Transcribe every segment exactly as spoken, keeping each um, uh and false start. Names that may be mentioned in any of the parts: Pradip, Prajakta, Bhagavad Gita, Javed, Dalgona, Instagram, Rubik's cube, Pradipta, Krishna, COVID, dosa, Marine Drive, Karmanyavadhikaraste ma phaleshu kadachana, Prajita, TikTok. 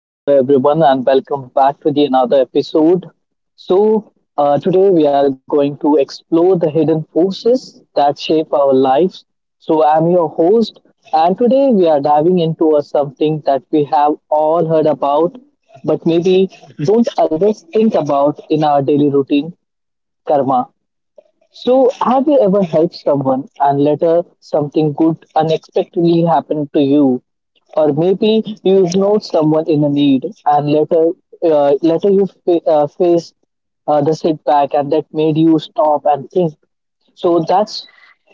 hi, hello everyone, and welcome back to the another episode. So, uh, today we are going to explore the hidden forces that shape our lives. So, I'm your host, and today we are diving into a, something that we have all heard about, but maybe don't always think about in our daily routine karma. So, have you ever helped someone and later something good unexpectedly happened to you? Or maybe you know someone in a need and later, uh, later you fa- uh, face uh, the setback, and that made you stop and think. So that's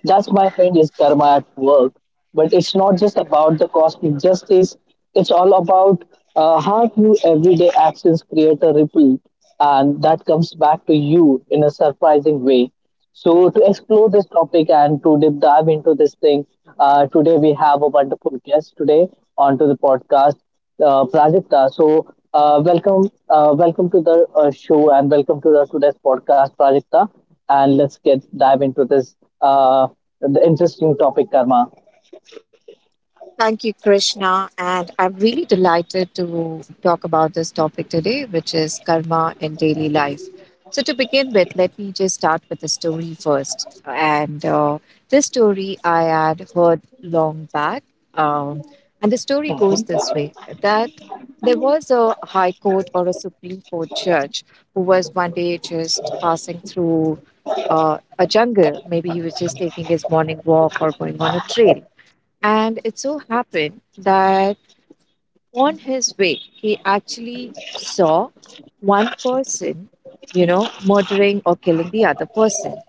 that's my friend, is karma at work. But it's not just about the cosmic justice. It's all about uh, how you everyday actions create a ripple, and that comes back to you in a surprising way. So, to explore this topic and to deep dive into this thing, uh, today we have a wonderful guest today onto the podcast, uh, Prajita. So, uh, welcome, uh, welcome to the uh, show and welcome to the today's podcast, Prajita. And let's get dive into this uh, the interesting topic, karma. Thank you, Krishna. And I'm really delighted to talk about this topic today, which is karma in daily life. So, to begin with, let me just start with a story first. And uh, This story I had heard long back. Um, and the story goes this way that there was a high court or a Supreme Court judge who was one day just passing through uh, a jungle. Maybe he was just taking his morning walk or going on a trail, and it so happened that on his way, he actually saw one person, you know, murdering or killing the other person.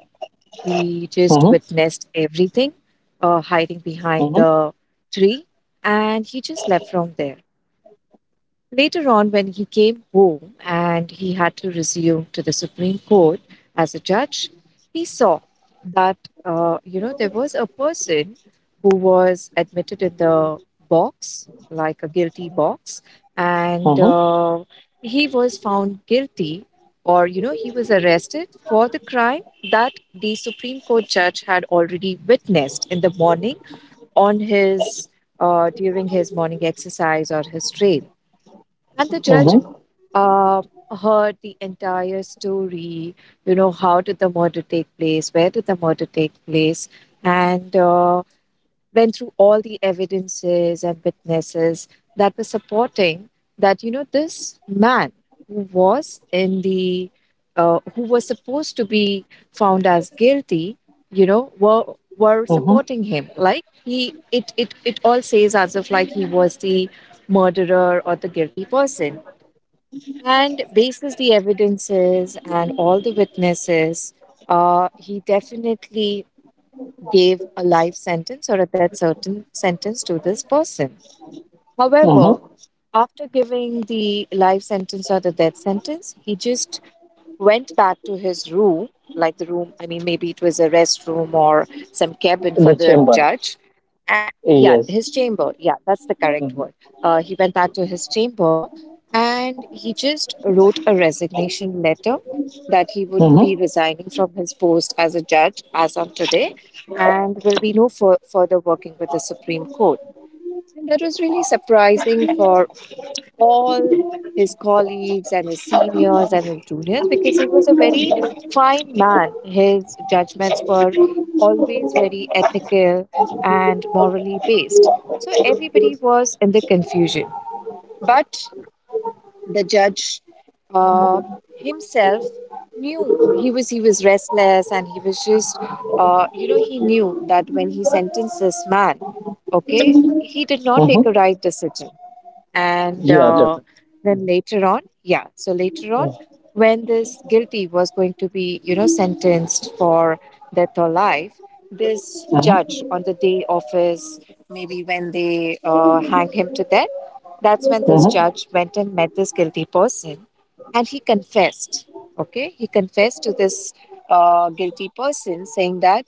He just Mm-hmm, witnessed everything, uh, hiding behind mm-hmm, the tree, and he just left from there. Later on, when he came home and he had to resume to the Supreme Court as a judge, he saw that uh, you know there was a person who was admitted in the box, like a guilty box, and mm-hmm, uh, he was found guilty, or you know he was arrested for the crime that the Supreme Court judge had already witnessed in the morning on his uh, during his morning exercise or his trail. And the judge mm-hmm, uh, heard the entire story, you know, how did the murder take place, where did the murder take place, and uh, went through all the evidences and witnesses that were supporting that, you know, this man who was in the, uh, who was supposed to be found as guilty, you know, were were mm-hmm, supporting him like he it it it all says as if like he was the murderer or the guilty person and bases the evidences and all the witnesses, uh, he definitely gave a life sentence or a death certain sentence to this person. mm-hmm. However, after giving the life sentence or the death sentence, he just went back to his room, like the room, I mean, maybe it was a restroom or some cabin for The the chamber, judge. A- yeah, yes. his chamber. Yeah, that's the correct Mm-hmm, word. Uh, he went back to his chamber and he just wrote a resignation letter that he would be mm-hmm, resigning from his post as a judge as on today and will be no fur- further working with the Supreme Court. And that was really surprising for all his colleagues and his seniors and his juniors because he was a very fine man. His judgments were always very ethical and morally based. So everybody was in the confusion. But the judge, uh, himself, knew he was he was restless and he was just uh, you know he knew that when he sentenced this man, okay, he did not mm-hmm. take a right decision. and Yeah, uh, definitely. then later on, yeah so later on Mm-hmm, when this guilty was going to be, you know, sentenced for death or life, this mm-hmm, judge on the day of his, maybe when they uh, hang him to death, that's when this mm-hmm. judge went and met this guilty person and he confessed, okay, he confessed to this uh, guilty person saying that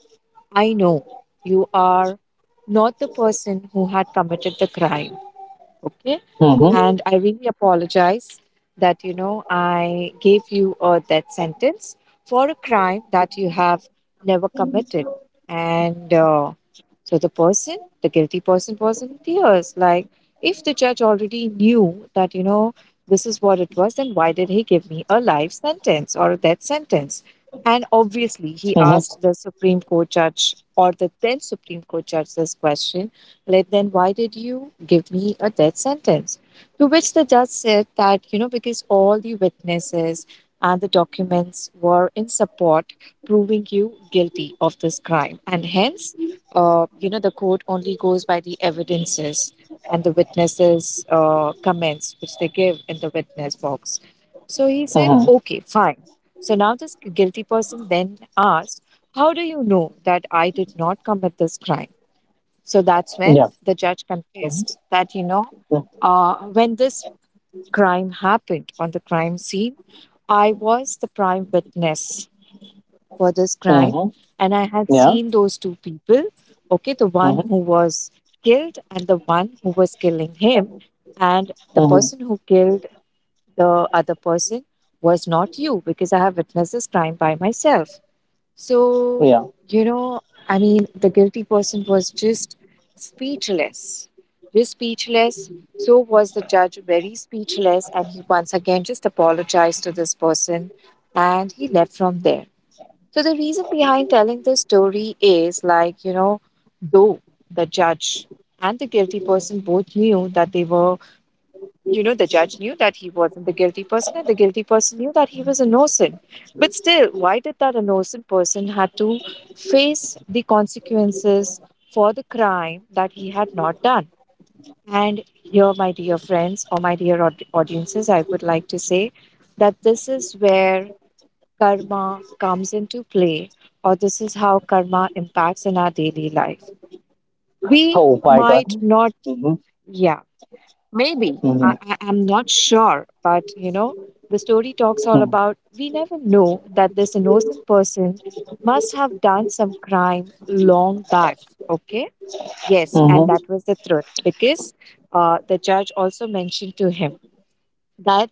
I know you are not the person who had committed the crime. Okay. Mm-hmm. And I really apologize that, you know, I gave you a death sentence for a crime that you have never committed. And uh, so the person, the guilty person, was in tears. Like, if the judge already knew that, you know, this is what it was, then why did he give me a life sentence or a death sentence? And obviously, Mhm. he asked the Supreme Court judge or the then Supreme Court judge this question, like, then why did you give me a death sentence? To which the judge said that, you know, because all the witnesses and the documents were in support, proving you guilty of this crime. And hence, uh, you know, the court only goes by the evidences and the witnesses' uh, comments, which they give in the witness box. So he said, Mhm. okay, fine. So now this guilty person then asked, how do you know that I did not commit this crime? So that's when Yeah. the judge Mhm. confessed that, you know, Mhm. uh, when this crime happened on the crime scene, I was the prime witness for this crime Mhm. and I had Yeah. seen those two people, okay, the one Mhm. who was killed and the one who was killing him. And the Mhm. person who killed the other person was not you because I have witnessed this crime by myself. So, Yeah. you know, I mean, the guilty person was just speechless, just speechless. So was the judge very speechless, and he once again just apologized to this person and he left from there. So, the reason behind telling the story is like, you know, though the judge and the guilty person both knew that they were, you know, the judge knew that he wasn't the guilty person, and the guilty person knew that he was innocent. But still, why did that innocent person had to face the consequences for the crime that he had not done? And here, my dear friends or my dear aud- audiences, I would like to say that this is where karma comes into play, or this is how karma impacts in our daily life. Oh We my God. might not, Mhm. yeah, maybe. Mhm. I, I, I'm not sure. But, you know, the story talks all Mhm. about we never know that this innocent person must have done some crime long back. Okay. Yes. Mhm. And that was the truth because uh, the judge also mentioned to him that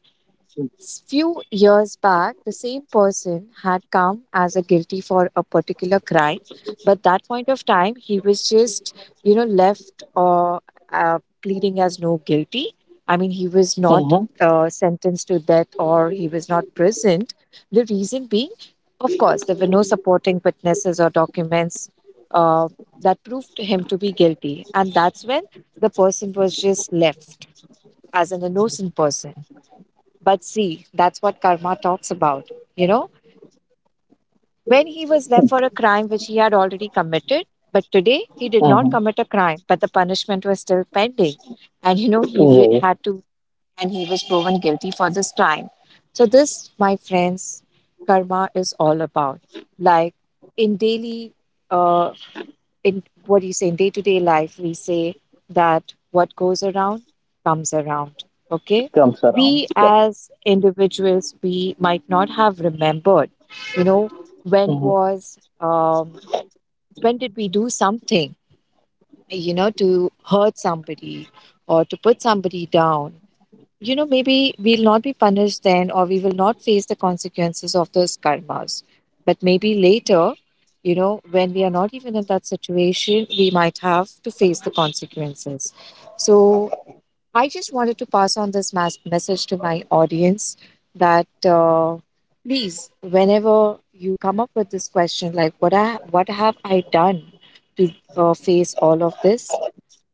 S- few years back, the same person had come as a guilty for a particular crime, but that point of time, he was just, you know, left or uh, pleading as no guilty. I mean, he was Mhm. not uh, sentenced to death or he was not prisoned. The reason being, of course, there were no supporting witnesses or documents uh, that proved him to be guilty, and that's when the person was just left as an innocent person. But see, that's what karma talks about. You know, when he was left for a crime which he had already committed, but today he did Mhm. not commit a crime, but the punishment was still pending. And, you know, he w- Yes, had to, and he was proven guilty for this crime. So, this, my friends, karma is all about. Like in daily, uh, in what do you say, in day to day life, we say that what goes around comes around. Okay. comes around. We Yep. as individuals, we might not have remembered, you know, when Mhm. was, um, when did we do something, you know, to hurt somebody or to put somebody down, you know, maybe we'll not be punished then, or we will not face the consequences of those karmas. But maybe later, you know, when we are not even in that situation, we might have to face the consequences. So I just wanted to pass on this mas- message to my audience that uh, please, whenever you come up with this question, like what I what have I done to uh, face all of this,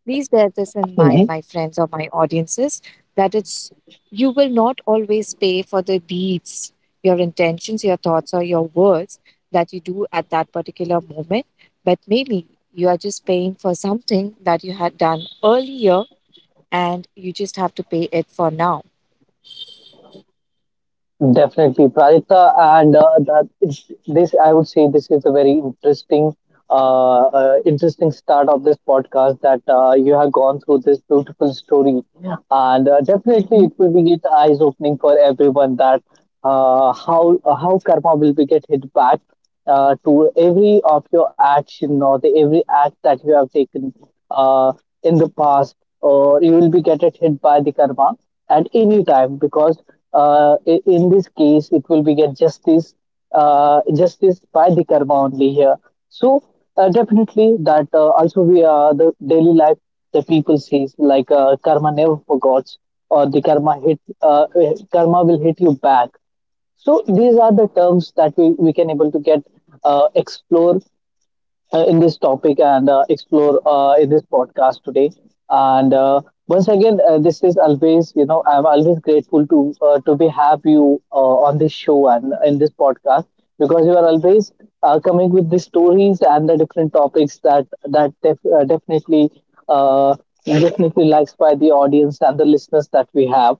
please bear this in mind, Mhm. my friends or my audiences, that it's you will not always pay for the deeds, your intentions, your thoughts, or your words that you do at that particular moment. But maybe you are just paying for something that you had done earlier and you just have to pay it for now. Definitely, Pradita, and uh, that is- this I would say this is a very interesting, uh, uh, interesting start of this podcast, that uh, you have gone through this beautiful story, and uh, definitely Hmm. it will be get eyes opening for everyone that uh, how uh, how karma will be get hit back uh, to every of your action or the every act that you have taken uh, in the past, or you will be get it hit by the karma at any time, because uh, i- in this case it will be get justice uh, justice by the karma only here. So uh, definitely that uh, also we are the daily life, the people says like, uh, karma never forgets, or the karma hit uh, karma will hit you back. So these are the terms that we, we can able to get uh, explore uh, in this topic and uh, explore uh, in this podcast today. And uh, once again, uh, this is always, you know, I'm always grateful to uh, to be have you uh, on this show and in this podcast, because you are always uh, coming with the stories and the different topics that that def- uh, definitely uh, definitely likes by the audience and the listeners that we have.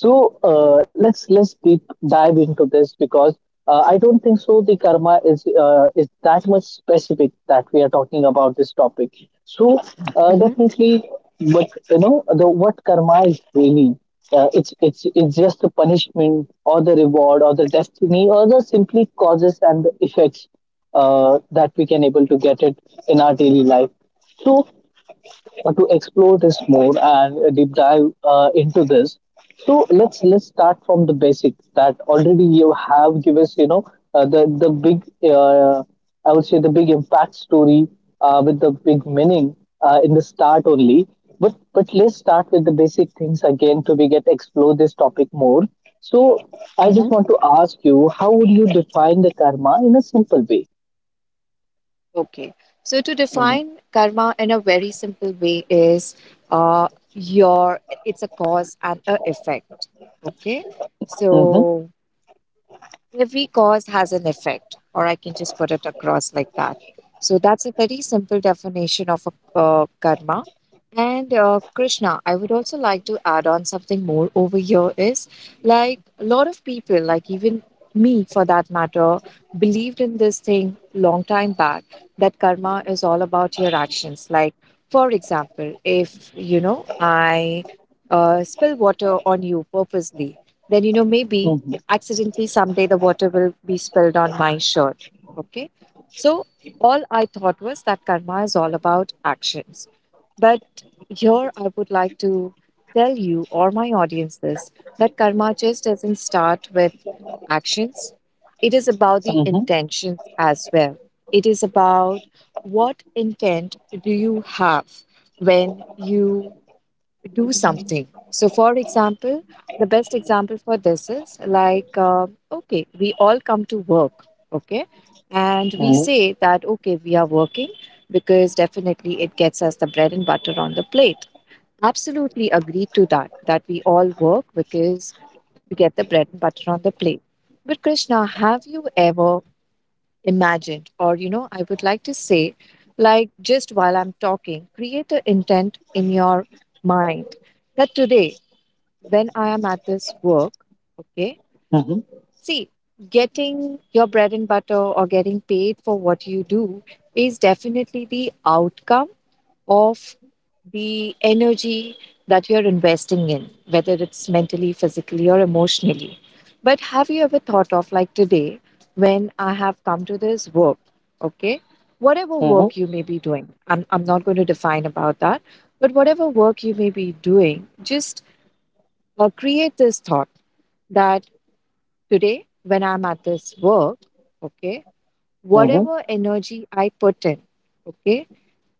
So uh, let's let's deep dive into this, because. Uh, I don't think so. The karma is uh, is that much specific that we are talking about this topic. So uh, Hmm. definitely, but you know the what karma is really. Uh, it's it's it's just the punishment or the reward or the destiny or the simply causes and the effects uh, that we can able to get it in our daily life. So uh, to explore this more and uh, deep dive uh, into this. So let's let's start from the basics that already you have given us, you know, uh, the the big uh, I would say the big impact story uh, with the big meaning uh, in the start only. But but let's start with the basic things again to we get explore this topic more. So I just want to ask you, how would you define the karma in a simple way? Okay. So, to Mm-hmm. define karma in a very simple way is, uh, your it's a cause and a effect. Okay. Mm-hmm. So, every cause has an effect, or I can just put it across like that. So that's a very simple definition of a, uh, karma. And uh, Krishna, I would also like to add on something more over here is like a lot of people, like even me for that matter, believed in this thing long time back that karma is all about your actions. Like, for example, if you know I uh, spill water on you purposely, then you know maybe accidentally someday the water will be spilled on my shirt. Okay. So all I thought was that karma is all about actions. But here I would like to tell you or my audience this, that karma just doesn't start with actions, it is about the Mm-hmm. intentions as well. It is about what intent do you have when you do something. So, for example, the best example for this is like, uh, okay, we all come to work, okay, and we Mm-hmm. say that, okay, we are working because definitely it gets us the bread and butter on the plate. Absolutely agree to that, that we all work because we get the bread and butter on the plate. But, Krishna, have you ever imagined, or you know I would like to say, like, just while I'm talking, create an intent in your mind that today, when I am at this work, okay, Mm-hmm. see, getting your bread and butter or getting paid for what you do is definitely the outcome of the energy that you're investing in, whether it's mentally, physically, or emotionally. But have you ever thought of, like, today, when I have come to this work, okay? Whatever work you may be doing, I'm, I'm not going to define about that, but whatever work you may be doing, just uh, create this thought that today, when I'm at this work, okay, Mm-hmm. whatever energy I put in, okay,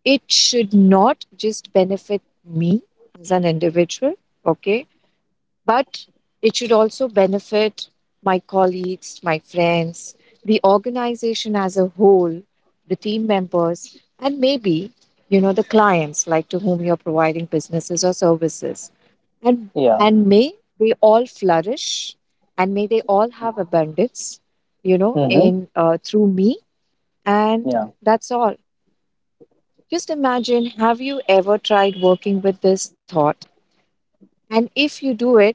it should not just benefit me as an individual, okay, but it should also benefit my colleagues, my friends, the organization as a whole, the team members, and maybe, you know, the clients, like, to whom you're providing businesses or services. And Yeah. and may they all flourish and may they all have abundance, you know, Mm-hmm. in uh, through me. And Yeah. that's all. Just imagine, have you ever tried working with this thought? And if you do it,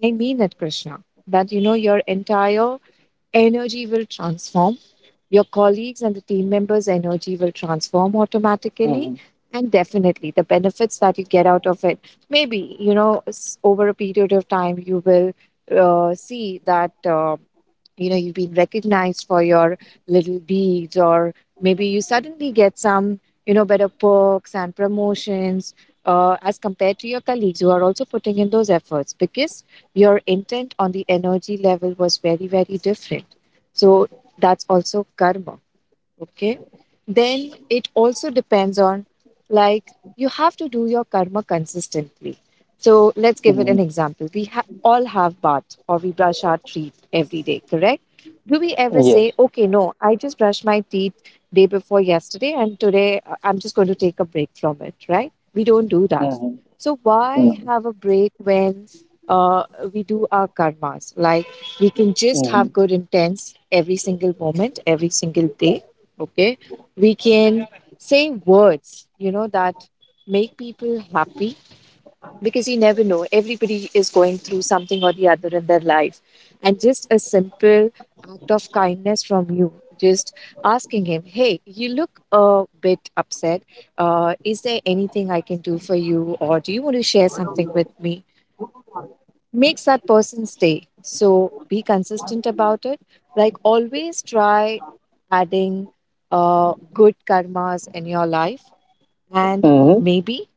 I mean that, Krishna, that you know your entire energy will transform, your colleagues' and the team members' energy will transform automatically. Mm-hmm. And definitely, the benefits that you get out of it, maybe, you know, s- over a period of time, you will uh, see that. Uh, you know you've been recognized for your little deeds, or maybe you suddenly get some, you know, better perks and promotions uh, as compared to your colleagues who are also putting in those efforts, because your intent on the energy level was very, very different. So that's also karma. Okay, then it also depends on, like, you have to do your karma consistently. So let's give it Mm-hmm. an example. we ha- all have bath, or we brush our teeth every day, correct? Do we ever say, Yes. okay, no, I just brushed my teeth day before yesterday and today, uh, I'm just going to take a break from it? Right, we don't do that. Mm-hmm. So why Mm-hmm. have a break when uh, we do our karmas? Like, we can just Mm-hmm. have good intents every single moment, every single day. Okay, we can say words, you know, that make people happy, because you never know. Everybody is going through something or the other in their life. And just a simple act of kindness from you, just asking him, hey, you look a bit upset. Uh, is there anything I can do for you? Or do you want to share something with me? Makes that person's day. So be consistent about it. Like, always try adding uh, good karmas in your life. And Mm-hmm. maybe,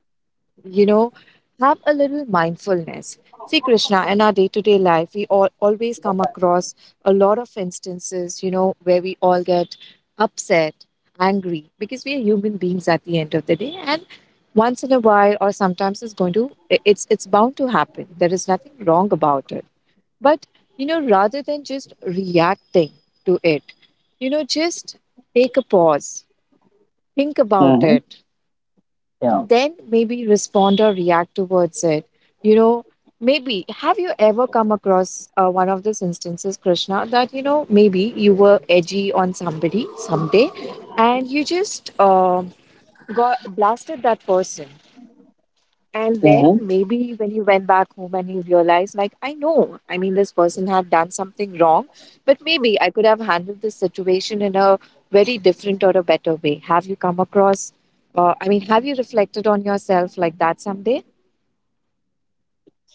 you know, have a little mindfulness. See, Krishna, in our day to day life, we all always come across a lot of instances, you know, where we all get upset, angry, because we are human beings at the end of the day. And once in a while, or sometimes, it's going to, I- it's, it's bound to happen. There is nothing wrong about it. But, you know, rather than just reacting to it, you know, just take a pause, think about Mm-hmm. it, Yeah. and then maybe respond or react towards it. You know, maybe have you ever come across uh, one of those instances, Krishna, that, you know, maybe you were edgy on somebody someday, and you just um got blasted that person. And Mm-hmm. then maybe when you went back home and you realized, like, I know, I mean, this person had done something wrong, but maybe I could have handled this situation in a very different or a better way. Have you come across, uh, I mean, have you reflected on yourself like that someday?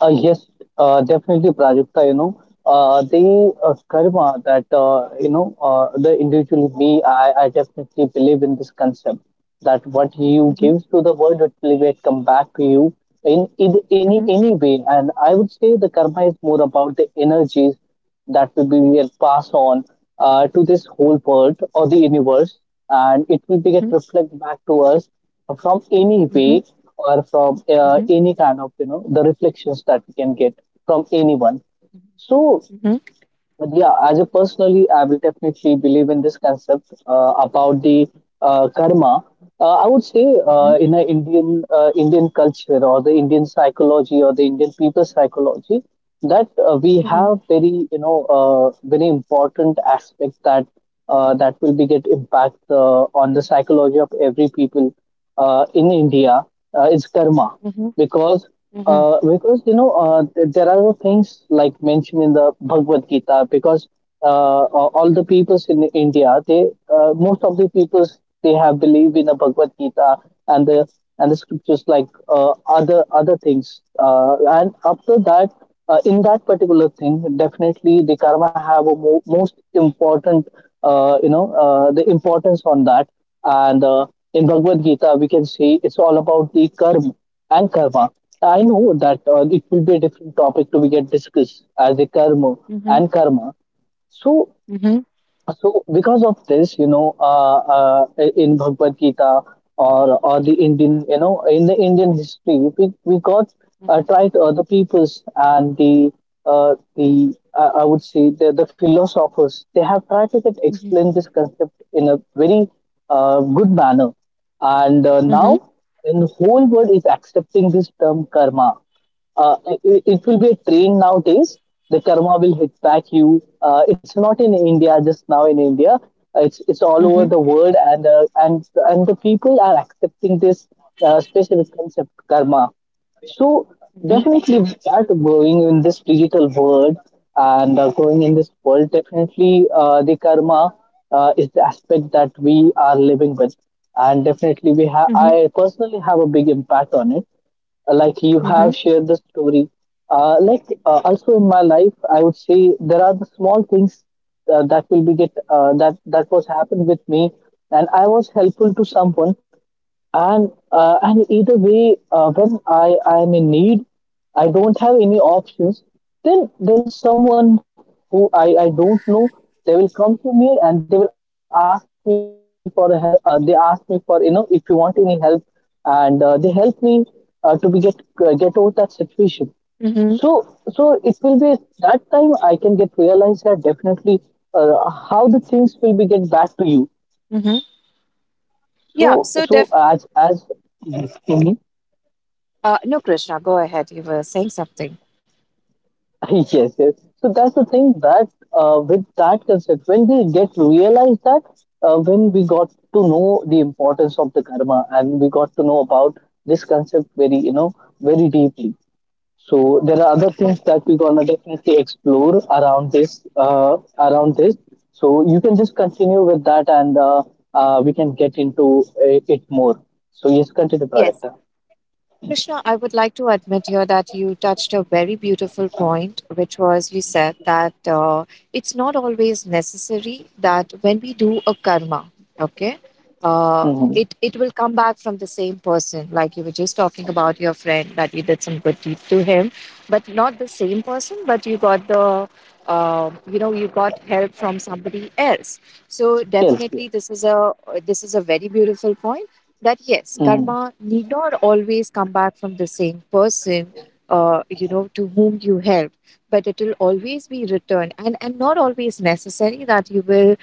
Uh, yes. Uh, definitely, Prajakta. You know, uh, the uh, karma that uh, you know uh, the individual me. I, I definitely believe in this concept, that what you Mm-hmm, give to the world it will get come back to you in, in any mm-hmm, any way. And I would say the karma is more about the energies that will be get passed on uh, to this whole world or the universe, and it will be get mm-hmm, reflect back to us from any mm-hmm, way or from uh, mm-hmm, any kind of you know the reflections that we can get from anyone. So mm-hmm, but yeah, as a personally, I will definitely believe in this concept uh, about the uh, karma. Uh, I would say mm-hmm, uh, in a Indian uh, Indian culture or the Indian psychology or the Indian people psychology, that uh, we mm-hmm, have very you know uh, very important aspects that uh, that will be get impact uh, on the psychology of every people uh, in India uh, is karma, mm-hmm, because mm-hmm, uh, because you know uh, th- there are things like mentioned in the Bhagavad Gita, because uh, uh, all the peoples in India they uh, most of the peoples they have believed in the Bhagavad Gita and the and the scriptures like uh, other other things uh, and after that uh, in that particular thing definitely the karma have a mo- most important uh, you know uh, the importance on that. And uh, in Bhagavad Gita we can see it's all about the karma and karma. I know that uh, it will be a different topic to be get discussed as a karma mm-hmm, and karma. So mm-hmm, so because of this, you know, uh, uh, in Bhagavad Gita or or the Indian, you know, in the Indian history, we we got uh, tried uh, the peoples and the uh, the uh, I would say the the philosophers. They have tried to get mm-hmm, mm-hmm, explain this concept in a very uh, good manner. And uh, mm-hmm, now in the whole world is accepting this term karma. Uh, it, it will be a train nowadays. The karma will hit back you. Uh, it's not in India just now in India. Uh, It's it's all over mm-hmm, the world, and uh, and and the people are accepting this uh, specific concept karma. So mm-hmm, definitely, we are going in this digital world, and uh, going in this world. Definitely, uh, the karma uh, is the aspect that we are living with, and definitely we have. mm-hmm. I personally have a big impact on it, like you have shared the story. uh, like uh, also in my life I would say there are the small things uh, that will be get uh, that that was happened with me, and I was helpful to someone. And uh, and either way, uh, when I I am in need, I don't have any options. Then then someone who I I don't know, they will come to me and they will ask me for a help. Uh, they ask me for you know if you want any help, and uh, they help me uh, to be get uh, get over that situation. So mm-hmm. so it will be that time I can get realize that definitely uh, how the things will be get back to you. mm-hmm. So Yeah, so so definitely. as as Uh, no, Krishna, go ahead. You were saying something. Yes, yes. So that's the thing, that uh, with that concept, when we get realized that, uh, when we got to know the importance of the karma, and we got to know about this concept very, you know, very deeply. So there are other Well, things that we're gonna definitely explore around this, uh, around this. So you can just continue with that, and uh, uh, we can get into uh, it more. So yes, continue, yes, Projecta. Krishna, I would like to admit here that you touched a very beautiful point, which was you said that uh, it's not always necessary that when we do a karma, okay, uh, Mm-hmm. it, it will come back from the same person. Like, you were just talking about your friend that you did some good deed to him, but not the same person, but you got the uh, you know, you got help from somebody else. So Yes. Yeah. definitely, this is a this is a very beautiful point that yes, Mm-hmm. karma need not always come back from the same person, uh, you know, to whom you helped, but it will always be returned. and and not always necessary that you will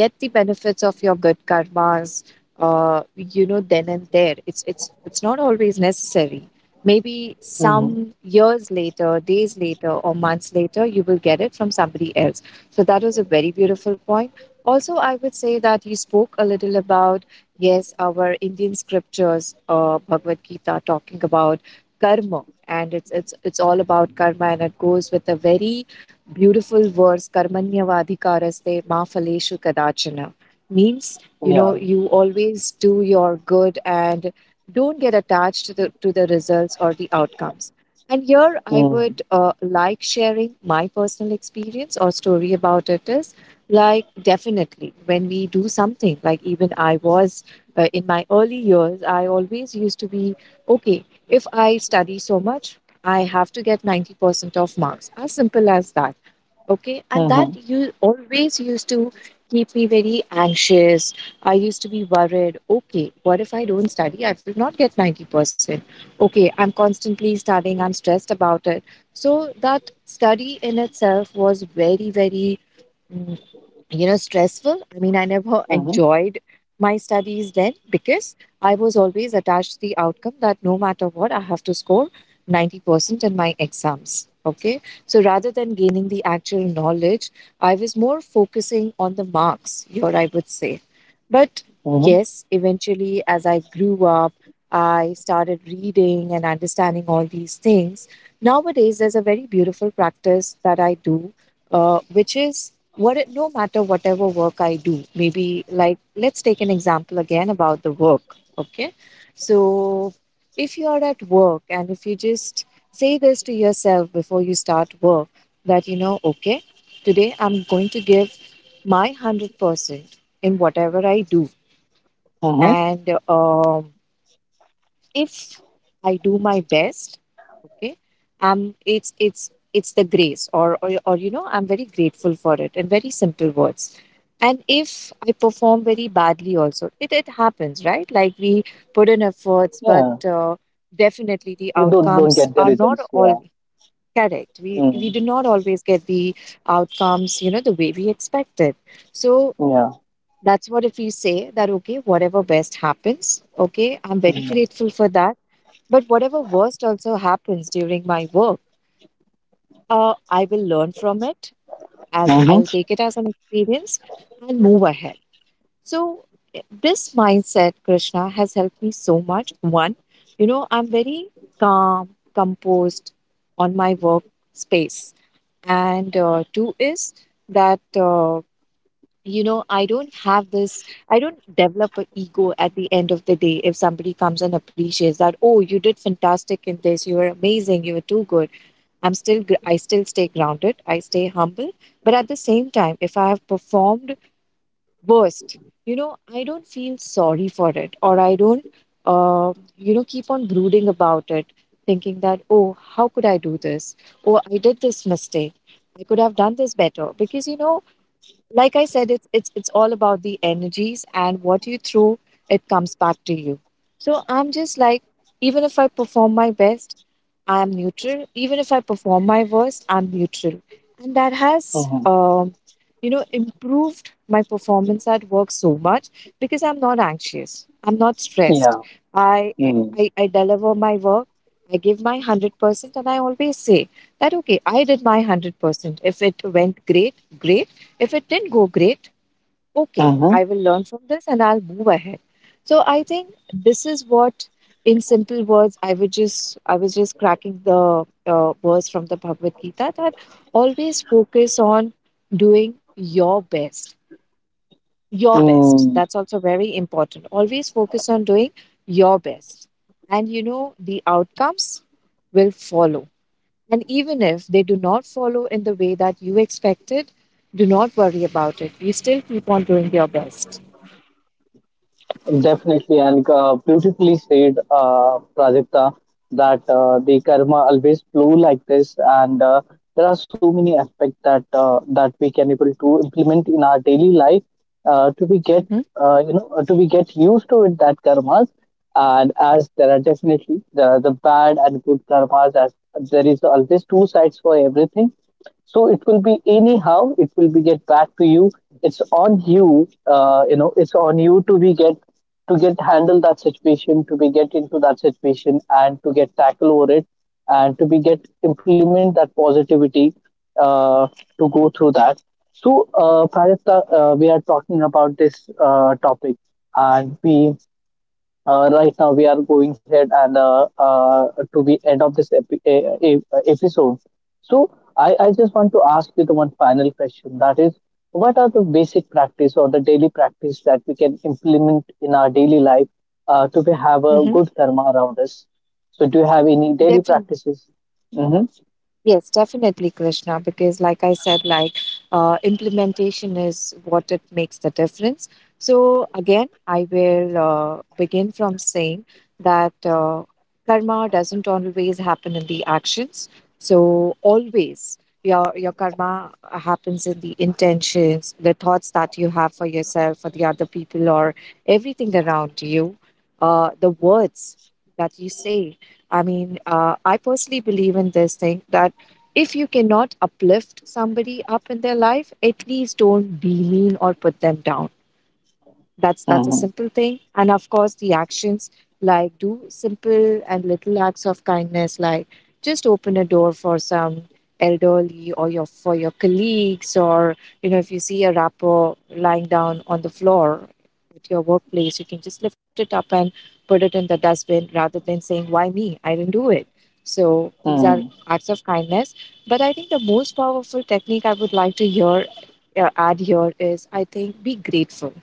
get the benefits of your good karmas uh, you know, then and there. It's it's it's not always necessary. Maybe Mm-hmm. some years later, days later, or months later, you will get it from somebody else. So that was a very beautiful point. Also, I would say that you spoke a little about, yes, our Indian scriptures, uh, Bhagavad Gita, talking about karma. And it's it's it's all about karma, and it goes with a very beautiful verse, Karmanyavadhikaraste ma phaleshu kadachana, means, you know, Yeah. you always do your good and don't get attached to the, to the results or the outcomes. And here I Mm-hmm. would uh, like sharing my personal experience or story about it is, like, definitely when we do something, like, even I was uh, in my early years, I always used to be, okay, if I study so much, I have to get ninety percent of marks, as simple as that. Okay, and that Mm-hmm. you always used to keep me very anxious. I used to be worried, okay, what if I don't study, I will not get ninety percent? Okay, I'm constantly studying, I'm stressed about it. So that study in itself was very, very, mm, you know, stressful. I mean, I never Mm-hmm. enjoyed my studies then, because I was always attached to the outcome that no matter what, I have to score ninety percent in my exams. Okay, so rather than gaining the actual knowledge, I was more focusing on the marks here, I would say. But Mm-hmm. yes, eventually, as I grew up, I started reading and understanding all these things. Nowadays, there's a very beautiful practice that I do, uh, which is, what it, no matter whatever work I do, maybe, like, let's take an example again about the work. Okay. So if you are at work, and if you just say this to yourself before you start work that, you know, okay, today I'm going to give my one hundred percent in whatever I do. Mm-hmm. And um, if I do my best, okay, um, it's it's it's the grace, or, or or you know, I'm very grateful for it, in very simple words. And if I perform very badly, also, it it happens, right? Like, we put in efforts, but Yeah. uh, definitely the We don't don't outcomes get the are not results. all Yeah. correct. We we Mm. do not always get the outcomes, you know, the way we expected. So Yeah. that's what, if we say that, okay, whatever best happens, okay, I'm very Mm-hmm. grateful for that, but whatever worst also happens during my work, uh, I will learn from it, as Mm-hmm. I'll take it as an experience and move ahead. So i- this mindset, Krishna, has helped me so much. One, you know, I'm very calm, composed on my work space, and uh, two is that. Uh, you know, I don't have this, I don't develop an ego at the end of the day if somebody comes and appreciates that, oh, you did fantastic in this, you were amazing, you were too good. i'm still gr- I still stay grounded, I stay humble. But at the same time, if I have performed worst, you know, I don't feel sorry for it, or I don't uh, you know, keep on brooding about it, thinking that, oh, how could I do this, or I did this mistake, I could have done this better. Because, you know, like I said, it's it's it's all about the energies, and what you throw, it comes back to you. So I'm just like, even if I perform my best, I am neutral. Even if I perform my worst, I'm neutral. And that has, Mm-hmm. um, you know, improved my performance at work so much because I'm not anxious. I'm not stressed. Yeah. I Mm. I, I deliver my work. I give my hundred percent, and I always say that, okay, I did my hundred percent. If it went great, great. If it didn't go great, okay, Mm-hmm. I will learn from this and I'll move ahead. So I think this is what, in simple words, I would just I was just cracking the uh, verse from the Bhagavad Gita that always focus on doing your best, your best. Mm-hmm. That's also very important. Always focus on doing your best, and, you know, the outcomes will follow. And even if they do not follow in the way that you expected, do not worry about it. You still keep on doing your best. Definitely, and uh, beautifully said, uh, Prajakta, that uh, the karma always flow like this, and uh, there are so many aspects that uh, that we can able to implement in our daily life uh, to we get Mm-hmm. uh, you know to we get used to it that karmas. And as there are definitely the the bad and good karmas, as there is always two sides for everything, so it will be anyhow it will be get back to you. It's on you uh, you know it's on you to be get to get handle that situation, to be get into that situation and to get tackle over it, and to be get implement that positivity uh, to go through that. So uh, Prajapta, uh, we are talking about this uh, topic, and we uh, right now we are going ahead, and uh, uh, to the end of this epi- e- e- episode. So I, I just want to ask you the one final question, that is, what are the basic practice or the daily practice that we can implement in our daily life uh, to be- have a Mm-hmm. good karma around us? So do you have any daily Definitely. practices? Mm-hmm. Yes, definitely, Krishna, because like I said, like, uh, implementation is what it makes the difference. So again, I will uh, begin from saying that, uh, karma doesn't always happen in the actions. So always your your karma happens in the intentions, the thoughts that you have for yourself, for the other people, or everything around you, uh, the words that you say. I mean, uh, I personally believe in this thing that if you cannot uplift somebody up in their life, at least don't be mean or put them down. That's that's a Mm-hmm. simple thing. And of course, the actions, like, do simple and little acts of kindness, like, just open a door for some elderly or your, for your colleagues, or, you know, if you see a wrapper lying down on the floor at your workplace, you can just lift it up and put it in the dustbin rather than saying, why me, I didn't do it. So these are Mm-hmm. acts of kindness. But I think the most powerful technique I would like to hear uh, add here is, I think, be grateful.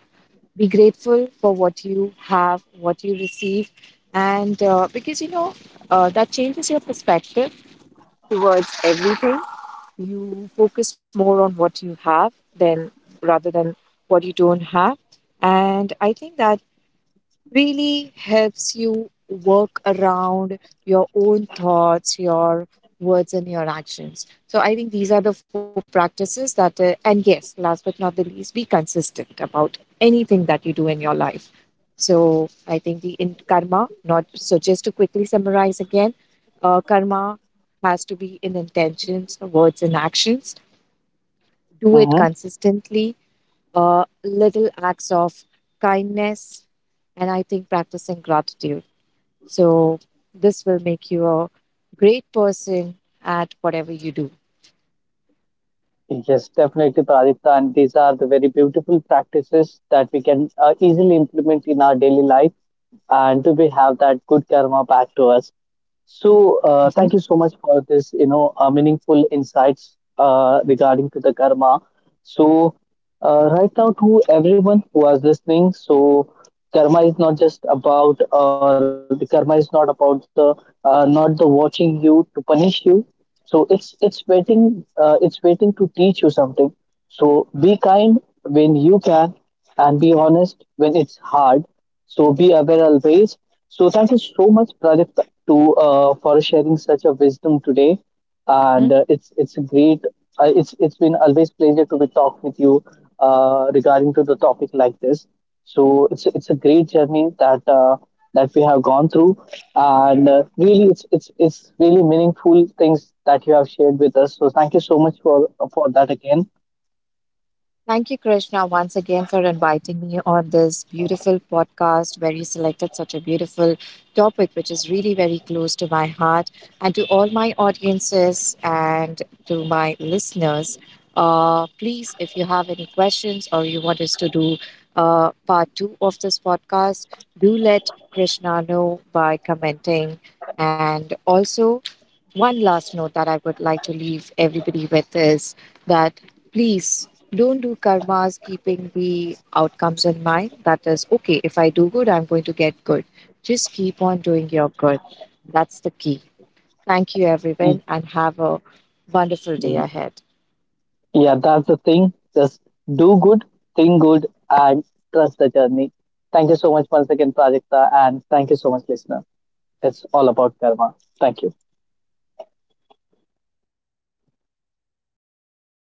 Be grateful for what you have, what you receive, and uh, because you know, uh, that changes your perspective towards everything. You focus more on what you have than, rather than what you don't have, and I think that really helps you work around your own thoughts, your words, and your actions. So I think these are the four practices that, uh, and yes, last but not the least, be consistent about anything that you do in your life. So I think the in karma, not so, just to quickly summarize again, uh, karma has to be in intentions, words, and actions. Mm-hmm. Do it consistently, uh, little acts of kindness, and I think practicing gratitude. So this will make you a great person at whatever you do. Yes, definitely, Pradipta. And these are the very beautiful practices that we can uh, easily implement in our daily life and to be have that good karma back to us. So uh, thank Mhm. you so much for this, you know, uh, meaningful insights uh, regarding to the karma. So uh, right now to everyone who was listening, so karma is not just about, or the karma is not about the, uh, not the watching you to punish you. So it's it's waiting, uh, it's waiting to teach you something. So be kind when you can, and be honest when it's hard, so be aware always. So thank you so much, Pradip, to uh, for sharing such a wisdom today. And uh, it's it's a great. Uh, it's it's been always pleasure to be talk with you uh, regarding to the topic like this. So it's a- it's a great journey that uh, that we have gone through. And uh, really it's it's it's really meaningful things that you have shared with us. So thank you so much for for that again. Thank you, Krishna, once again for inviting me on this beautiful podcast where you selected such a beautiful topic, which is really very close to my heart. And to all my audiences and to my listeners, uh, please, if you have any questions or you want us to do uh, part two of this podcast, do let Krishna know by commenting. And also, one last note that I would like to leave everybody with is that, please don't do karmas keeping the outcomes in mind. That is, okay, if I do good, I'm going to get good. Just keep on doing your good. That's the key. Thank you, everyone, and have a wonderful day ahead. Yeah, that's the thing. Just do good, think good, and trust the journey. Thank you so much once again, Prajakta, and thank you so much, listener. It's all about karma. Thank you.